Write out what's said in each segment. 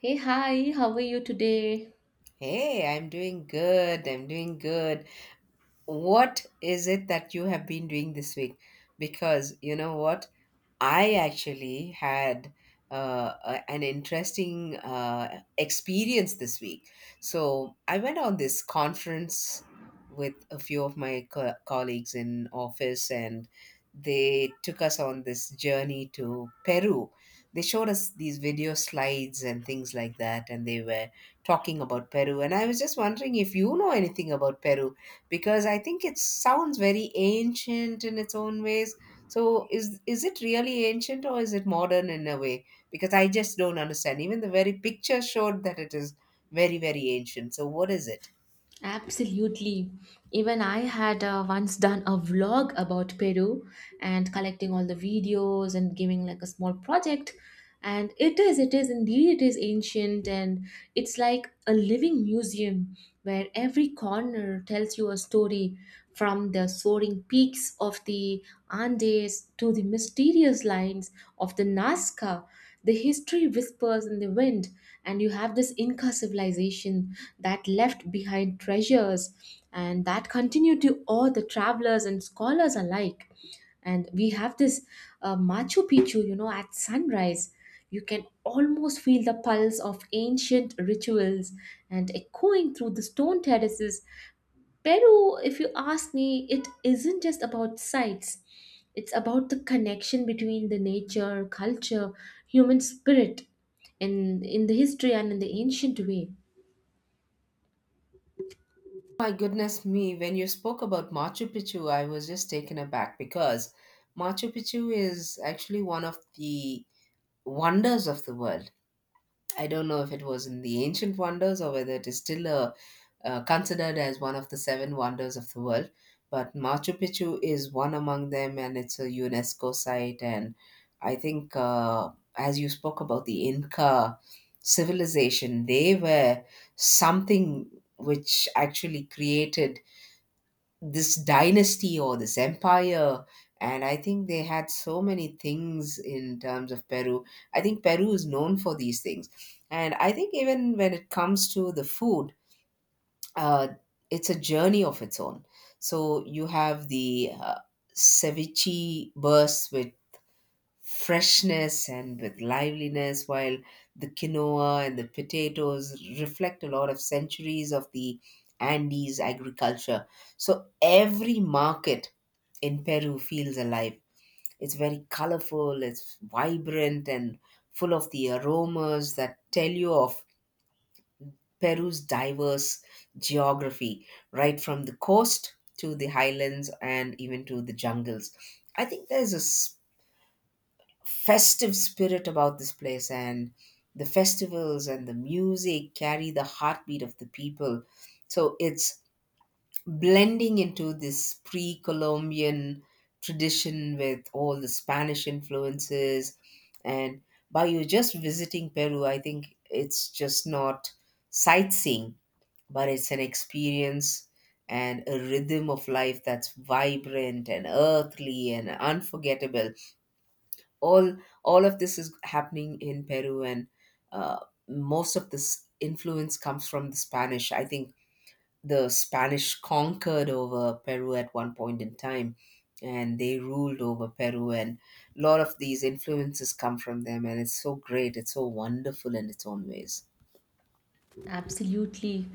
Hey, hi, how are you today? Hey, I'm doing good. What is it that you have been doing this week? Because you know what? I actually had an interesting experience this week. So I went on this conference with a few of my colleagues in office, and they took us on this journey to Peru. They showed us these video slides and things like that, and they were talking about Peru. And I was just wondering if you know anything about Peru, because I think it sounds very ancient in its own ways. So is it really ancient, or is it modern in a way? Because I just don't understand. Even the very picture showed that it is very, very ancient. So what is it? Absolutely. Even I had once done a vlog about Peru and collecting all the videos and giving like a small project. And it is indeed, it is ancient and it's like a living museum where every corner tells you a story from the soaring peaks of the Andes to the mysterious lines of the Nazca. The history whispers in the wind and you have this Inca civilization that left behind treasures and that continue to awe the travelers and scholars alike. And we have this Machu Picchu, you know, at sunrise. You can almost feel the pulse of ancient rituals and echoing through the stone terraces. Peru, if you ask me, it isn't just about sights. It's about the connection between the nature, culture, human spirit, in the history and in the ancient way. My goodness me, when you spoke about Machu Picchu, I was just taken aback because Machu Picchu is actually one of the wonders of the world. I don't know if it was in the ancient wonders, or whether it is still considered as one of the seven wonders of the world. But Machu Picchu is one among them, and it's a UNESCO site. And I think, as you spoke about the Inca civilization, they were something which actually created this dynasty or this empire, and I think they had so many things in terms of Peru. I think Peru is known for these things, and I think even when it comes to the food, uh, it's a journey of its own. So you have the ceviche bursts which freshness and with liveliness, while the quinoa and the potatoes reflect a lot of centuries of the Andes agriculture. So every market in Peru feels alive. It's very colorful, it's vibrant, and full of the aromas that tell you of Peru's diverse geography, right from the coast to the highlands and even to the jungles. I think there's a festive spirit about this place, and the festivals and the music carry the heartbeat of the people. So it's blending into this pre-columbian tradition with all the Spanish influences. And by you just visiting Peru, I think it's just not sightseeing, but it's an experience and a rhythm of life that's vibrant and earthly and unforgettable. All all of this is happening in Peru, and uh, most of this influence comes from the Spanish. I think the Spanish conquered over Peru at one point in time, and they ruled over Peru, and a lot of these influences come from them, and it's so great, it's so wonderful in its own ways. Absolutely.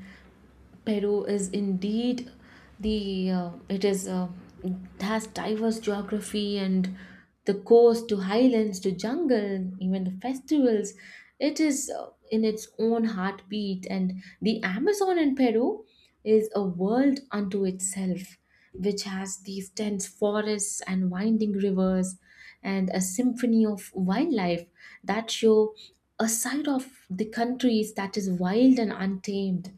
Peru is indeed the it has diverse geography and the coast to highlands to jungle, even the festivals. It is in its own heartbeat, and the Amazon in Peru is a world unto itself, which has these dense forests and winding rivers, and a symphony of wildlife that show a side of the countries that is wild and untamed,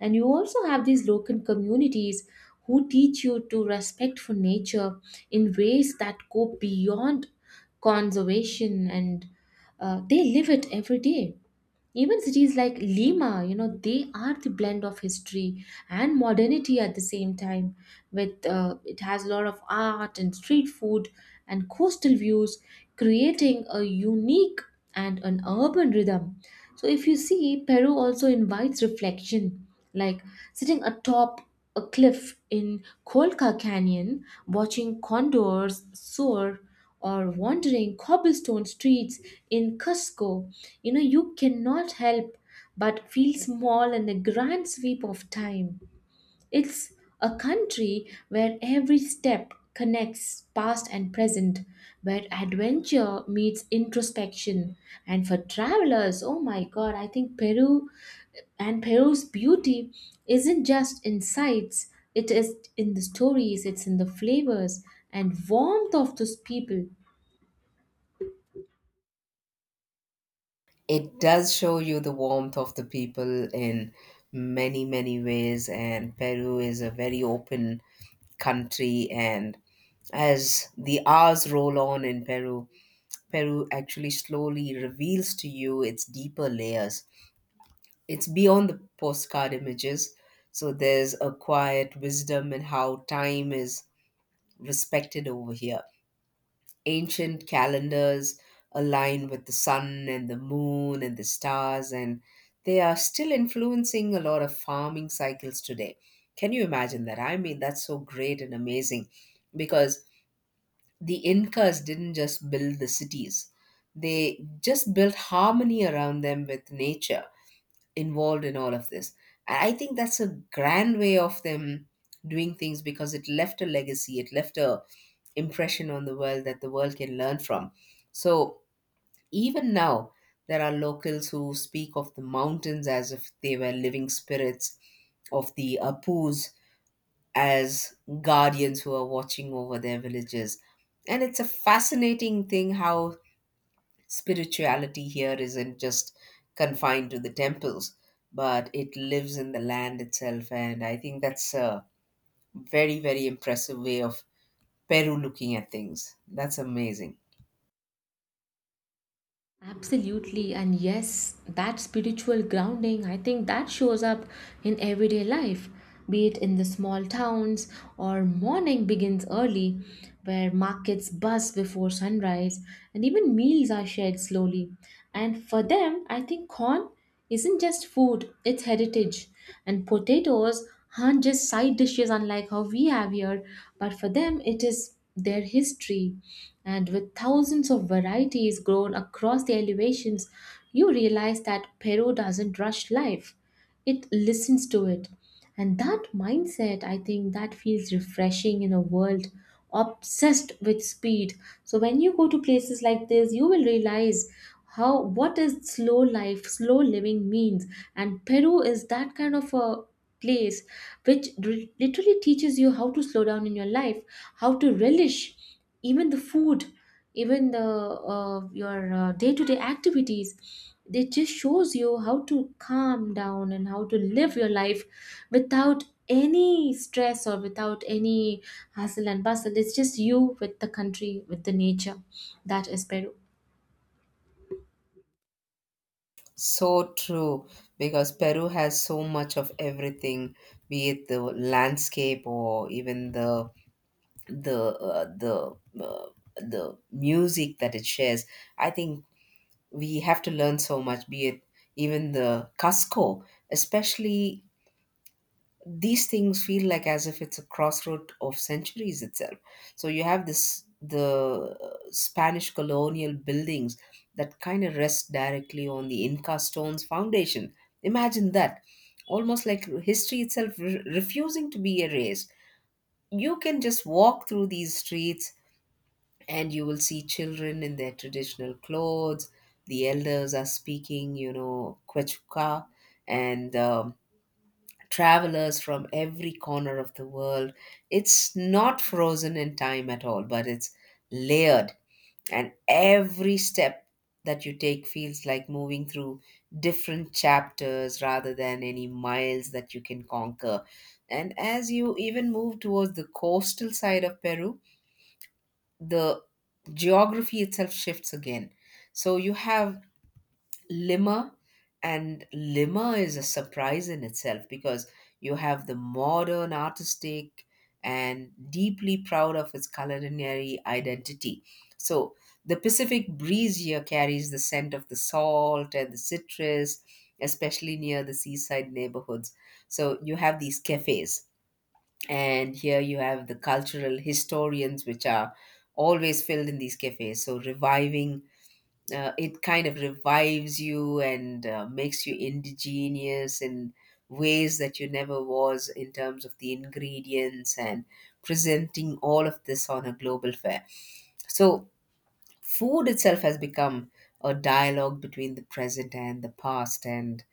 and you also have these local communities who teach you to respect for nature in ways that go beyond conservation and they live it every day. Even cities like Lima, you know, they are the blend of history and modernity at the same time. With it has a lot of art and street food and coastal views, creating a unique and an urban rhythm. So, if you see, Peru also invites reflection, like sitting atop a cliff in Kolka Canyon, watching condors soar, or wandering cobblestone streets in Cusco, you know, you cannot help but feel small in the grand sweep of time. It's a country where every step connects past and present, where adventure meets introspection. And for travelers, oh my god, I think Peru and Peru's beauty isn't just in sights, it is in the stories, it's in the flavors and warmth of those people. It does show you the warmth of the people in many ways, and Peru is a very open country. And as the hours roll on in Peru, Peru actually slowly reveals to you its deeper layers. It's beyond the postcard images. So there's a quiet wisdom in how time is respected over here. Ancient calendars align with the sun and the moon and the stars, and they are still influencing a lot of farming cycles today. Can you imagine that? I mean, that's so great and amazing, because the Incas didn't just build the cities, they just built harmony around them with nature involved in all of this. I think that's a grand way of them doing things, because it left a legacy, it left a impression on the world that the world can learn from. So even now, there are locals who speak of the mountains as if they were living spirits, of the apus as guardians who are watching over their villages. And it's a fascinating thing how spirituality here isn't just confined to the temples, but it lives in the land itself. And I think that's a very, very impressive way of Peru looking at things. That's amazing. Absolutely, and yes, that spiritual grounding, I think that shows up in everyday life, be it in the small towns or morning begins early, where markets buzz before sunrise, and even meals are shared slowly. And for them, I think corn isn't just food, it's heritage. And potatoes aren't just side dishes, unlike how we have here, but for them, it is their history. And with thousands of varieties grown across the elevations, you realize that Peru doesn't rush life, it listens to it. And that mindset, I think that feels refreshing in a world obsessed with speed. So when you go to places like this, you will realize how what is slow life, slow living means. And Peru is that kind of a place which literally teaches you how to slow down in your life, how to relish even the food, even the your day-to-day activities. It just shows you how to calm down and how to live your life without any stress or without any hustle and bustle. It's just you with the country, with the nature. That is Peru. So true, because Peru has so much of everything, be it the landscape or even the uh, the uh, the music that it shares. I think we have to learn so much, be it even the Cusco, especially. These things feel like as if it's a crossroad of centuries itself. So you have this the Spanish colonial buildings that kind of rest directly on the Inca stones foundation. Imagine that, almost like history itself refusing to be erased. You can just walk through these streets and you will see children in their traditional clothes, the elders are speaking, you know, Quechua, and travelers from every corner of the world. It's not frozen in time at all, but it's layered, and every step that you take feels like moving through different chapters rather than any miles that you can conquer. And as you even move towards the coastal side of Peru, the geography itself shifts again. So you have Lima, and Lima is a surprise in itself, because you have the modern, artistic, and deeply proud of its culinary identity. So, the Pacific breeze here carries the scent of the salt and the citrus, especially near the seaside neighborhoods. So, you have these cafes, and here you have the cultural historians, which are always filled in these cafes. So, reviving it kind of revives you, and makes you indigenous in ways that you never was in terms of the ingredients and presenting all of this on a global fair. So, food itself has become a dialogue between the present and the past, and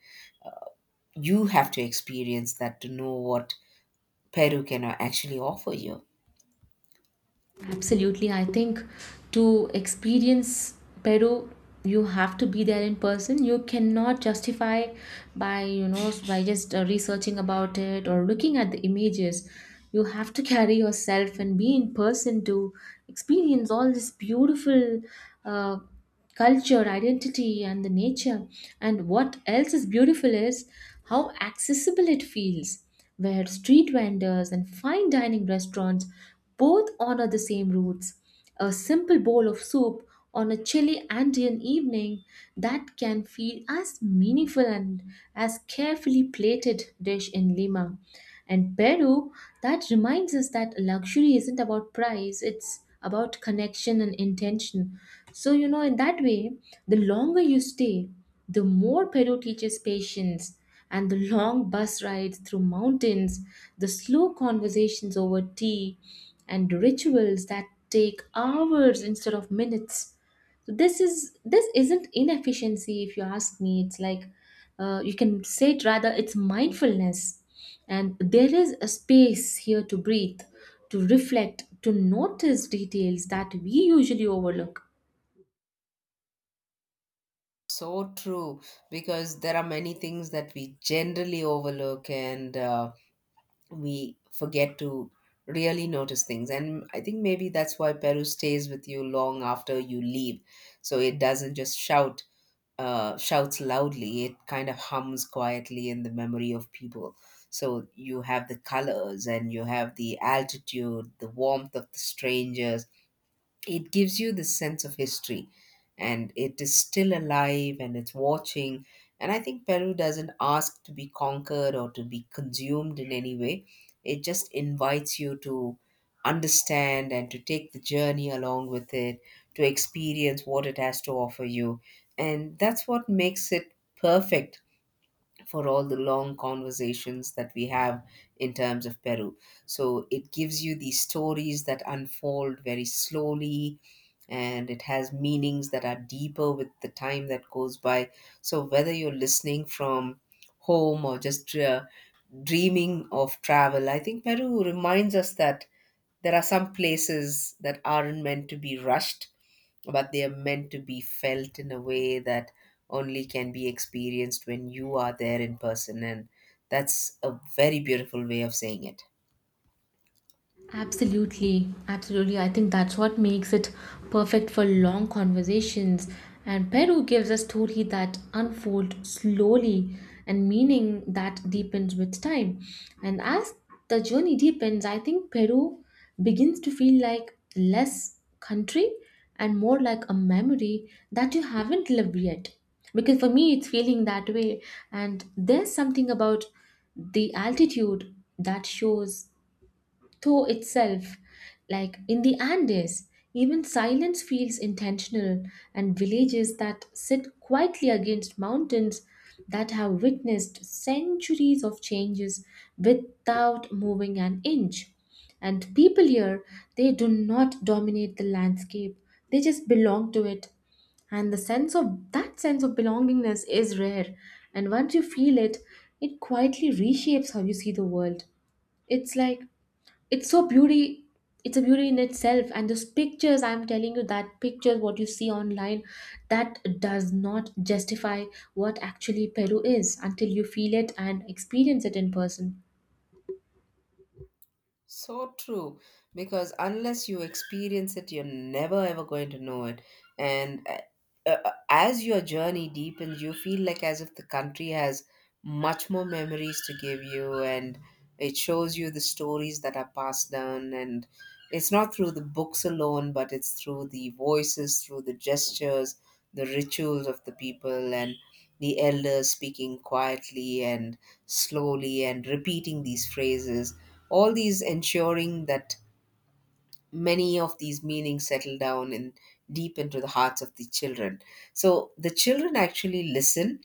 you have to experience that to know what Peru can actually offer you. Absolutely. I think to experience Peru, you have to be there in person. You cannot justify by, you know, by just researching about it or looking at the images. You have to carry yourself and be in person to experience all this beautiful uh, culture, identity, and the nature. And what else is beautiful is how accessible it feels, where street vendors and fine dining restaurants both honor the same roots. A simple bowl of soup on a chilly Andean evening that can feel as meaningful and as carefully plated dish in Lima. And Peru, that reminds us that luxury isn't about price, it's about connection and intention. So, you know, in that way, the longer you stay, the more Peru teaches patience. And the long bus rides through mountains, the slow conversations over tea, and rituals that take hours instead of minutes. So this isn't inefficiency, if you ask me. It's like, you can say it, rather it's mindfulness, and there is a space here to breathe, to reflect, to notice details that we usually overlook. So true, because there are many things that we generally overlook, and we forget to really notice things, and I think maybe that's why Peru stays with you long after you leave. So it doesn't just shouts loudly, it kind of hums quietly in the memory of people. So you have the colors and you have the altitude, the warmth of the strangers. It gives you this sense of history, and it is still alive and it's watching. And I think Peru doesn't ask to be conquered or to be consumed in any way. It just invites you to understand and to take the journey along with it, to experience what it has to offer you. And that's what makes it perfect for all the long conversations that we have in terms of Peru. So it gives you these stories that unfold very slowly, and it has meanings that are deeper with the time that goes by. So whether you're listening from home or just dreaming of travel, I think Peru reminds us that there are some places that aren't meant to be rushed, but they are meant to be felt in a way that only can be experienced when you are there in person. And that's a very beautiful way of saying it. Absolutely, absolutely. I think that's what makes it perfect for long conversations. And Peru gives a story that unfolds slowly and meaning that deepens with time. And as the journey deepens, I think Peru begins to feel like less country and more like a memory that you haven't lived yet. Because for me, it's feeling that way. And there's something about the altitude that shows to itself. Like in the Andes, even silence feels intentional, and villages that sit quietly against mountains that have witnessed centuries of changes without moving an inch. And people here, they do not dominate the landscape, they just belong to it. And the sense of that sense of belongingness is rare. And once you feel it, it quietly reshapes how you see the world. It's like it's so beauty, it's a beauty in itself. And those pictures, I'm telling you, that pictures what you see online, that does not justify what actually Peru is until you feel it and experience it in person. So true, because unless you experience it, you're never ever going to know it. And as your journey deepens, you feel like as if the country has much more memories to give you, and it shows you the stories that are passed down. And it's not through the books alone, but it's through the voices, through the gestures, the rituals of the people, and the elders speaking quietly and slowly and repeating these phrases, all these ensuring that many of these meanings settle down and deep into the hearts of the children. So the children actually listen,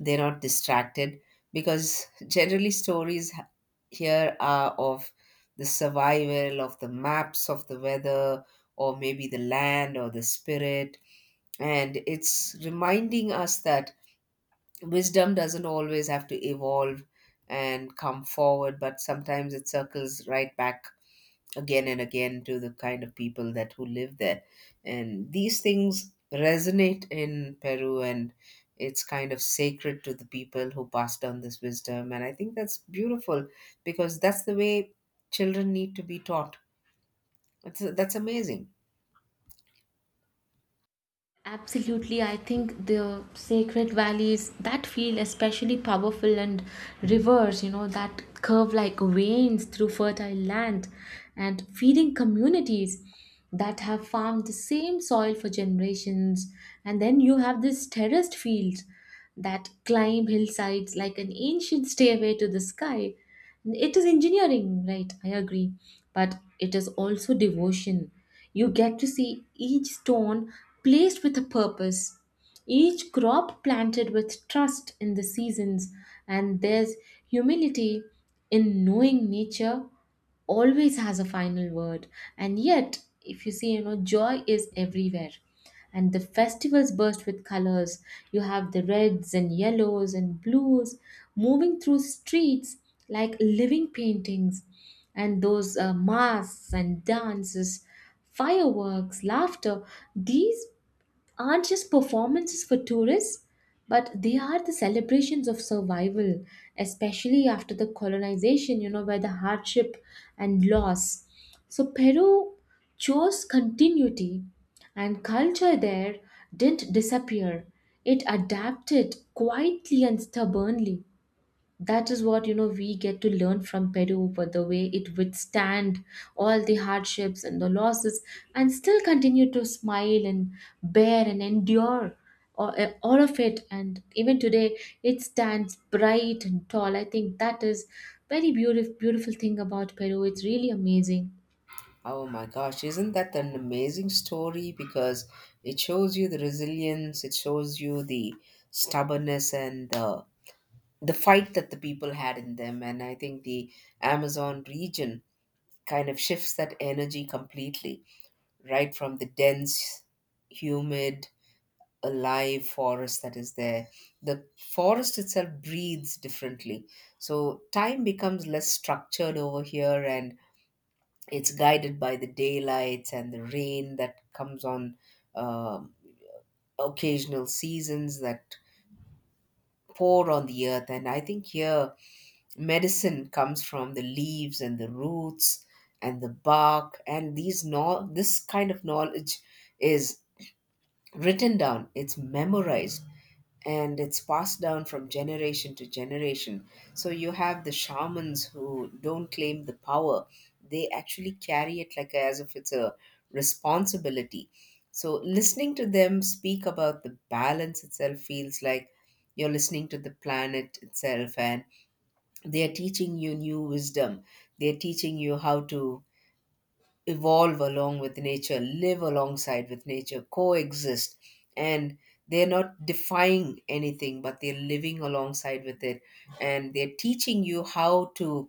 they're not distracted, because generally stories here are of the survival, of the maps, of the weather, or maybe the land or the spirit. And it's reminding us that wisdom doesn't always have to evolve and come forward, but sometimes it circles right back again and again to the kind of people that who live there. And these things resonate in Peru, and it's kind of sacred to the people who pass down this wisdom, and I think that's beautiful, because that's the way children need to be taught. That's amazing. Absolutely, I think the sacred valleys that feel especially powerful and rivers, you know, that curve like veins through fertile land and feeding communities that have farmed the same soil for generations. And then you have these terraced fields that climb hillsides like an ancient stairway to the sky. It is engineering, right? I agree. But it is also devotion. You get to see each stone placed with a purpose, each crop planted with trust in the seasons, and there's humility in knowing nature always has a final word. And yet, if you see, you know, joy is everywhere, and the festivals burst with colors. You have the reds and yellows and blues moving through streets like living paintings, and those masks and dances, fireworks, laughter, these aren't just performances for tourists, but they are the celebrations of survival, especially after the colonization, you know, where the hardship and loss. So Peru chose continuity, and culture there didn't disappear. It adapted quietly and stubbornly. That is what, you know, we get to learn from Peru, but the way it withstand all the hardships and the losses and still continue to smile and bear and endure all, all of it, and even today it stands bright and tall. I think that is very beautiful, beautiful thing about Peru. It's really amazing. Oh my gosh, isn't that an amazing story? Because it shows you the resilience, it shows you the stubbornness and the fight that the people had in them. And I think the Amazon region kind of shifts that energy completely, right from the dense, humid, alive forest that is there. The forest itself breathes differently. So time becomes less structured over here, and it's guided by the daylights and the rain that comes on um occasional seasons that pour on the earth. And I think here medicine comes from the leaves and the roots and the bark and these no- this kind of knowledge is written down, it's memorized, and it's passed down from generation to generation. So you have the shamans who don't claim the power. They actually carry it like as if it's a responsibility. So listening to them speak about the balance itself feels like you're listening to the planet itself, and they are teaching you new wisdom. They are teaching you how to evolve along with nature, live alongside with nature, coexist. And they're not defying anything, but they're living alongside with it. And they're teaching you how to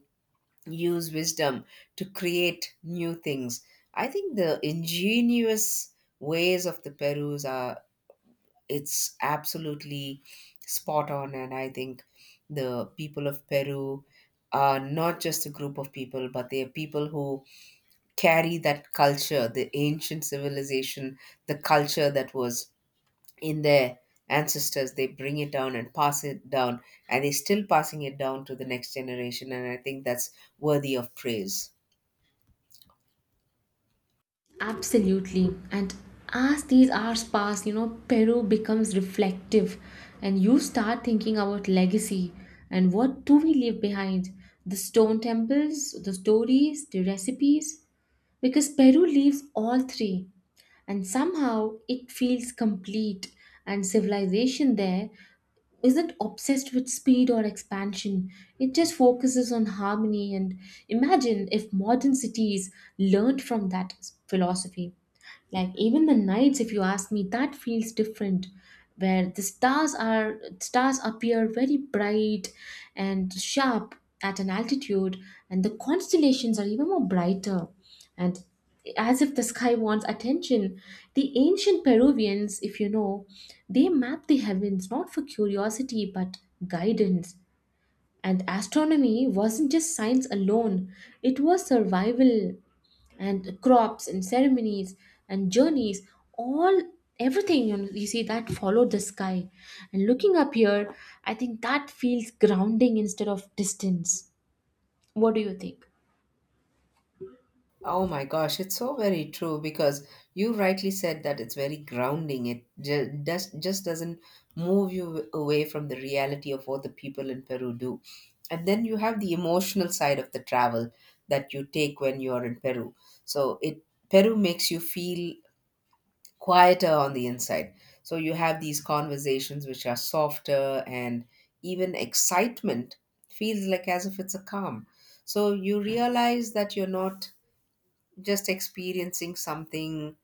use wisdom to create new things. I think the ingenious ways of the perus are, it's absolutely spot on. And I think the people of Peru are not just a group of people, but they are people who carry that culture, the ancient civilization, the culture that was in their ancestors. They bring it down and pass it down, and they're still passing it down to the next generation. And I think that's worthy of praise. Absolutely. And as these hours pass, you know, Peru becomes reflective and you start thinking about legacy and what do we leave behind? The stone temples, the stories, the recipes? Because Peru leaves all three and somehow it feels complete, and civilization there isn't obsessed with speed or expansion, it just focuses on harmony. And imagine if modern cities learned from that philosophy. Like even the nights, if you ask me, that feels different, where the stars appear very bright and sharp at an altitude, and the constellations are even more brighter, and as if the sky wants attention. The ancient Peruvians, if you know, they mapped the heavens not for curiosity but guidance. And astronomy wasn't just science alone, it was survival, and crops and ceremonies and journeys, all everything, you know, you see that followed the sky. And looking up here, I think that feels grounding instead of distance. What do you think? Oh my gosh, it's so very true, because you rightly said that it's very grounding. It just doesn't move you away from the reality of what the people in Peru do. And then you have the emotional side of the travel that you take when you're in Peru. So it Peru makes you feel quieter on the inside. So you have these conversations which are softer, and even excitement feels like as if it's a calm. So you realize that you're not just experiencing something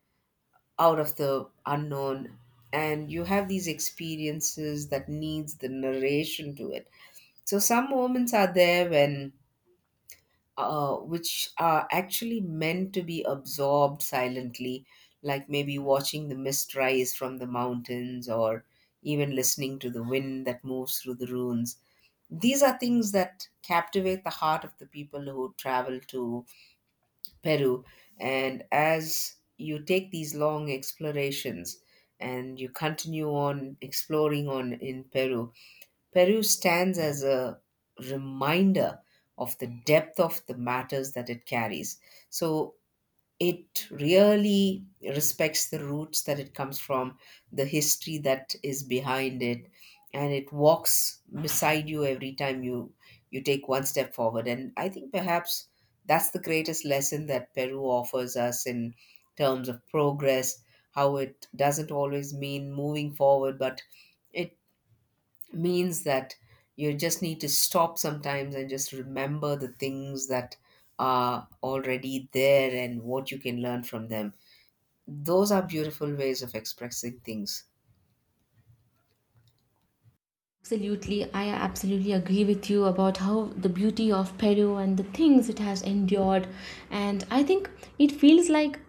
out of the unknown, and you have these experiences that needs the narration to it. So some moments are there when, which are actually meant to be absorbed silently, like maybe watching the mist rise from the mountains, or even listening to the wind that moves through the ruins. These are things that captivate the heart of the people who travel to Peru. And as you take these long explorations and you continue on exploring on in Peru, Peru stands as a reminder of the depth of the matters that it carries. So it really respects the roots that it comes from, the history that is behind it, and it walks beside you every time you take one step forward. And I think perhaps that's the greatest lesson that Peru offers us in terms of progress, how it doesn't always mean moving forward, but it means that you just need to stop sometimes and just remember the things that are already there and what you can learn from them. Those are beautiful ways of expressing things. Absolutely, I absolutely agree with you about how the beauty of Peru and the things it has endured. And I think it feels like,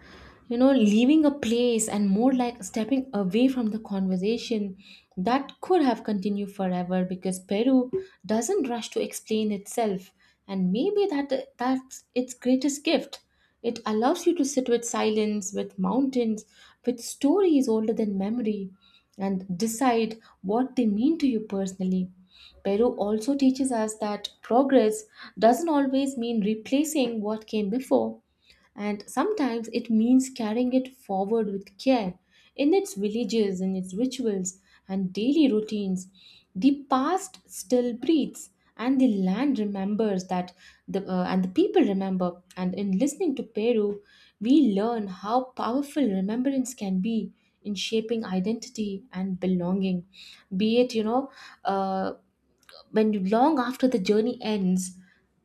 you know, leaving a place and more like stepping away from the conversation that could have continued forever, because Peru doesn't rush to explain itself. And maybe that's its greatest gift. It allows you to sit with silence, with mountains, with stories older than memory, and decide what they mean to you personally. Peru also teaches us that progress doesn't always mean replacing what came before, and sometimes it means carrying it forward with care in its villages, in its rituals, and daily routines. The past still breathes, and the land remembers that, and the people remember. And in listening to Peru, we learn how powerful remembrance can be in shaping identity and belonging, be it, you know, uh, when you, long after the journey ends,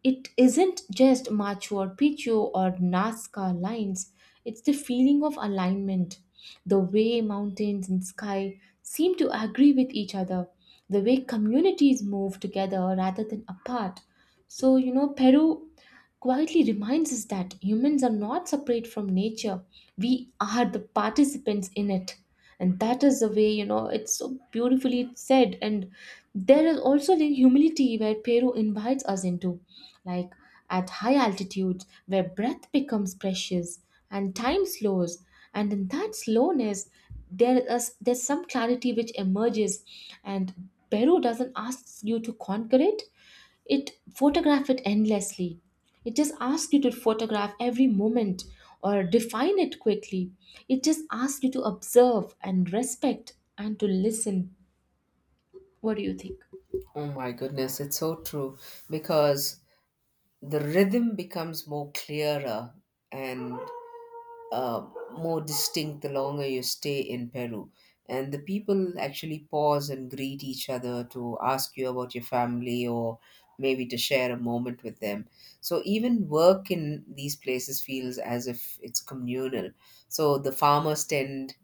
it isn't just Machu or Picchu or Nazca lines, it's the feeling of alignment, the way mountains and sky seem to agree with each other, the way communities move together rather than apart. So, you know, Peru quietly reminds us that humans are not separate from nature, we are the participants in it. And that is the way, you know, it's so beautifully said. And there is also the humility where Peru invites us into, like at high altitudes where breath becomes precious and time slows. And in that slowness, there's some clarity which emerges, and Peru doesn't ask you to conquer it; it photograph it endlessly. It just asks you to photograph every moment or define it quickly. It just asks you to observe and respect and to listen. What do you think? Oh my goodness, it's so true, because the rhythm becomes more clearer and, uh, more distinct the longer you stay in Peru. And the people actually pause and greet each other to ask you about your family, or maybe to share a moment with them. So even work in these places feels as if it's communal. So the farmers tend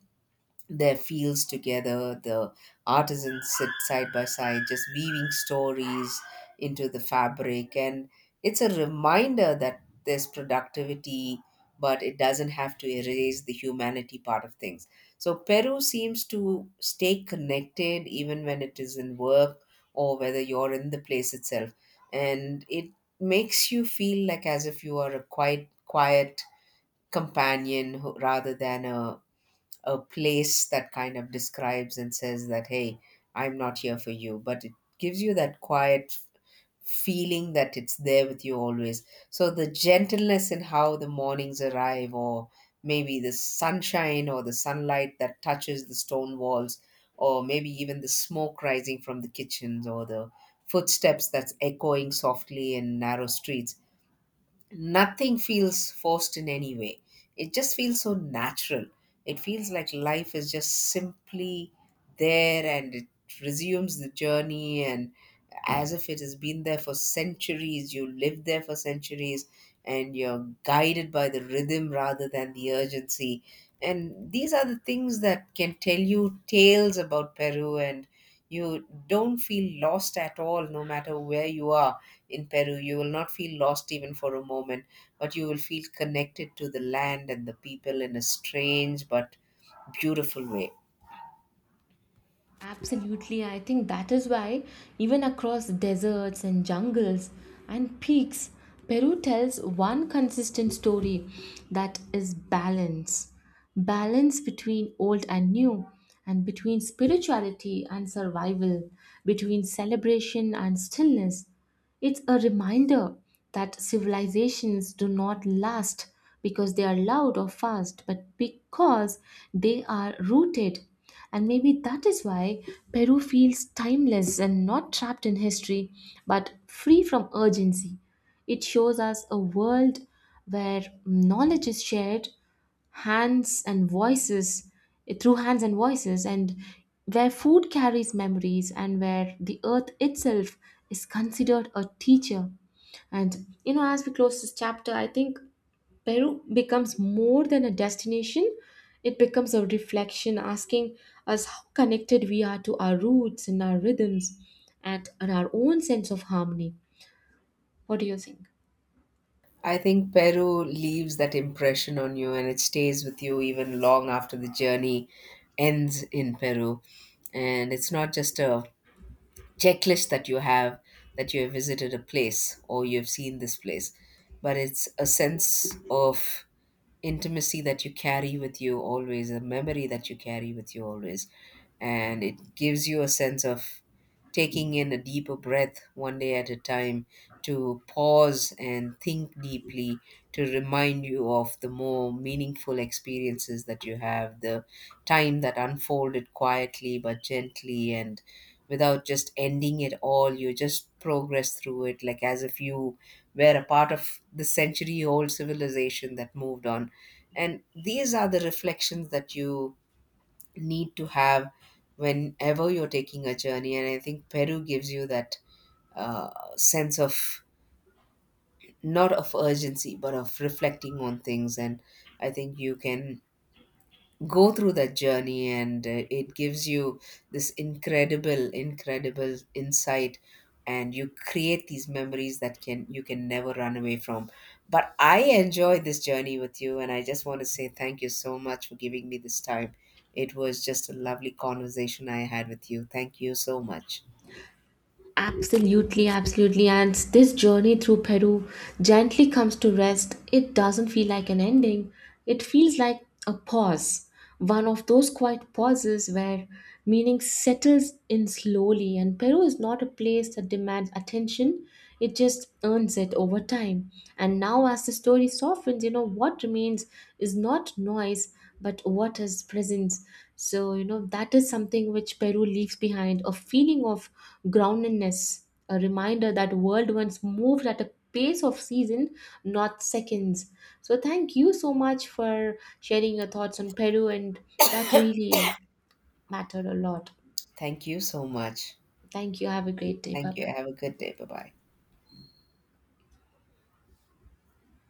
their fields together. The artisans sit side by side, just weaving stories into the fabric. And it's a reminder that there's productivity, but it doesn't have to erase the humanity part of things. So Peru seems to stay connected even when it is in work, or whether you're in the place itself. And it makes you feel like as if you are a quiet, quiet companion rather than a place that kind of describes and says that, hey, I'm not here for you, but it gives you that quiet feeling that it's there with you always. So the gentleness in how the mornings arrive, or maybe the sunshine or the sunlight that touches the stone walls, or maybe even the smoke rising from the kitchens, or the footsteps that's echoing softly in narrow streets, nothing feels forced in any way. It just feels so natural. It feels like life is just simply there, and it resumes the journey, and as if it has been there for centuries. You lived there for centuries, and you're guided by the rhythm rather than the urgency. And these are the things that can tell you tales about Peru, and you don't feel lost at all no matter where you are in Peru. You will not feel lost even for a moment, but you will feel connected to the land and the people in a strange but beautiful way. Absolutely, I think that is why, even across deserts and jungles and peaks, Peru tells one consistent story, that is balance. Balance between old and new, and between spirituality and survival, between celebration and stillness. It's a reminder that civilizations do not last because they are loud or fast, but because they are rooted. And maybe that is why Peru feels timeless and not trapped in history, but free from urgency. It shows us a world where knowledge is shared, hands and voices eh, through hands and voices, and where food carries memories and where the earth itself is considered a teacher. And, you know, as we close this chapter, I think Peru becomes more than a destination, it becomes a reflection, asking us how connected we are to our roots and our rhythms and our own sense of harmony. What do you think? I think Peru leaves that impression on you, and it stays with you even long after the journey ends in Peru. And it's not just a checklist that you have, that you have visited a place or you've seen this place, but it's a sense of intimacy that you carry with you always, a memory that you carry with you always. And it gives you a sense of taking in a deeper breath one day at a time, to pause and think deeply, to remind you of the more meaningful experiences that you have, the time that unfolded quietly but gently, and without just ending it all. You just progress through it like as if you were a part of the century old civilization that moved on, and these are the reflections that you need to have whenever you're taking a journey. And I think Peru gives you that, sense of not of urgency, but of reflecting on things. And I think you can go through that journey, and it gives you this incredible insight, and you create these memories that can you can never run away from. But I enjoyed this journey with you, and I just want to say thank you so much for giving me this time. It was just a lovely conversation I had with you. Absolutely, absolutely. And this journey through Peru gently comes to rest. It doesn't feel like an ending, it feels like a pause. One of those quiet pauses where meaning settles in slowly. And Peru is not a place that demands attention, it just earns it over time. And now, as the story softens, you know, what remains is not noise but what is presence. So, you know, that is something which Peru leaves behind, a feeling of groundedness, a reminder that world once moved at a pace of season, not seconds. So thank you so much for sharing your thoughts on Peru, and that really mattered a lot. Thank you so much Thank you, have a great day, bye Thank you. bye. Have a good day. Bye bye.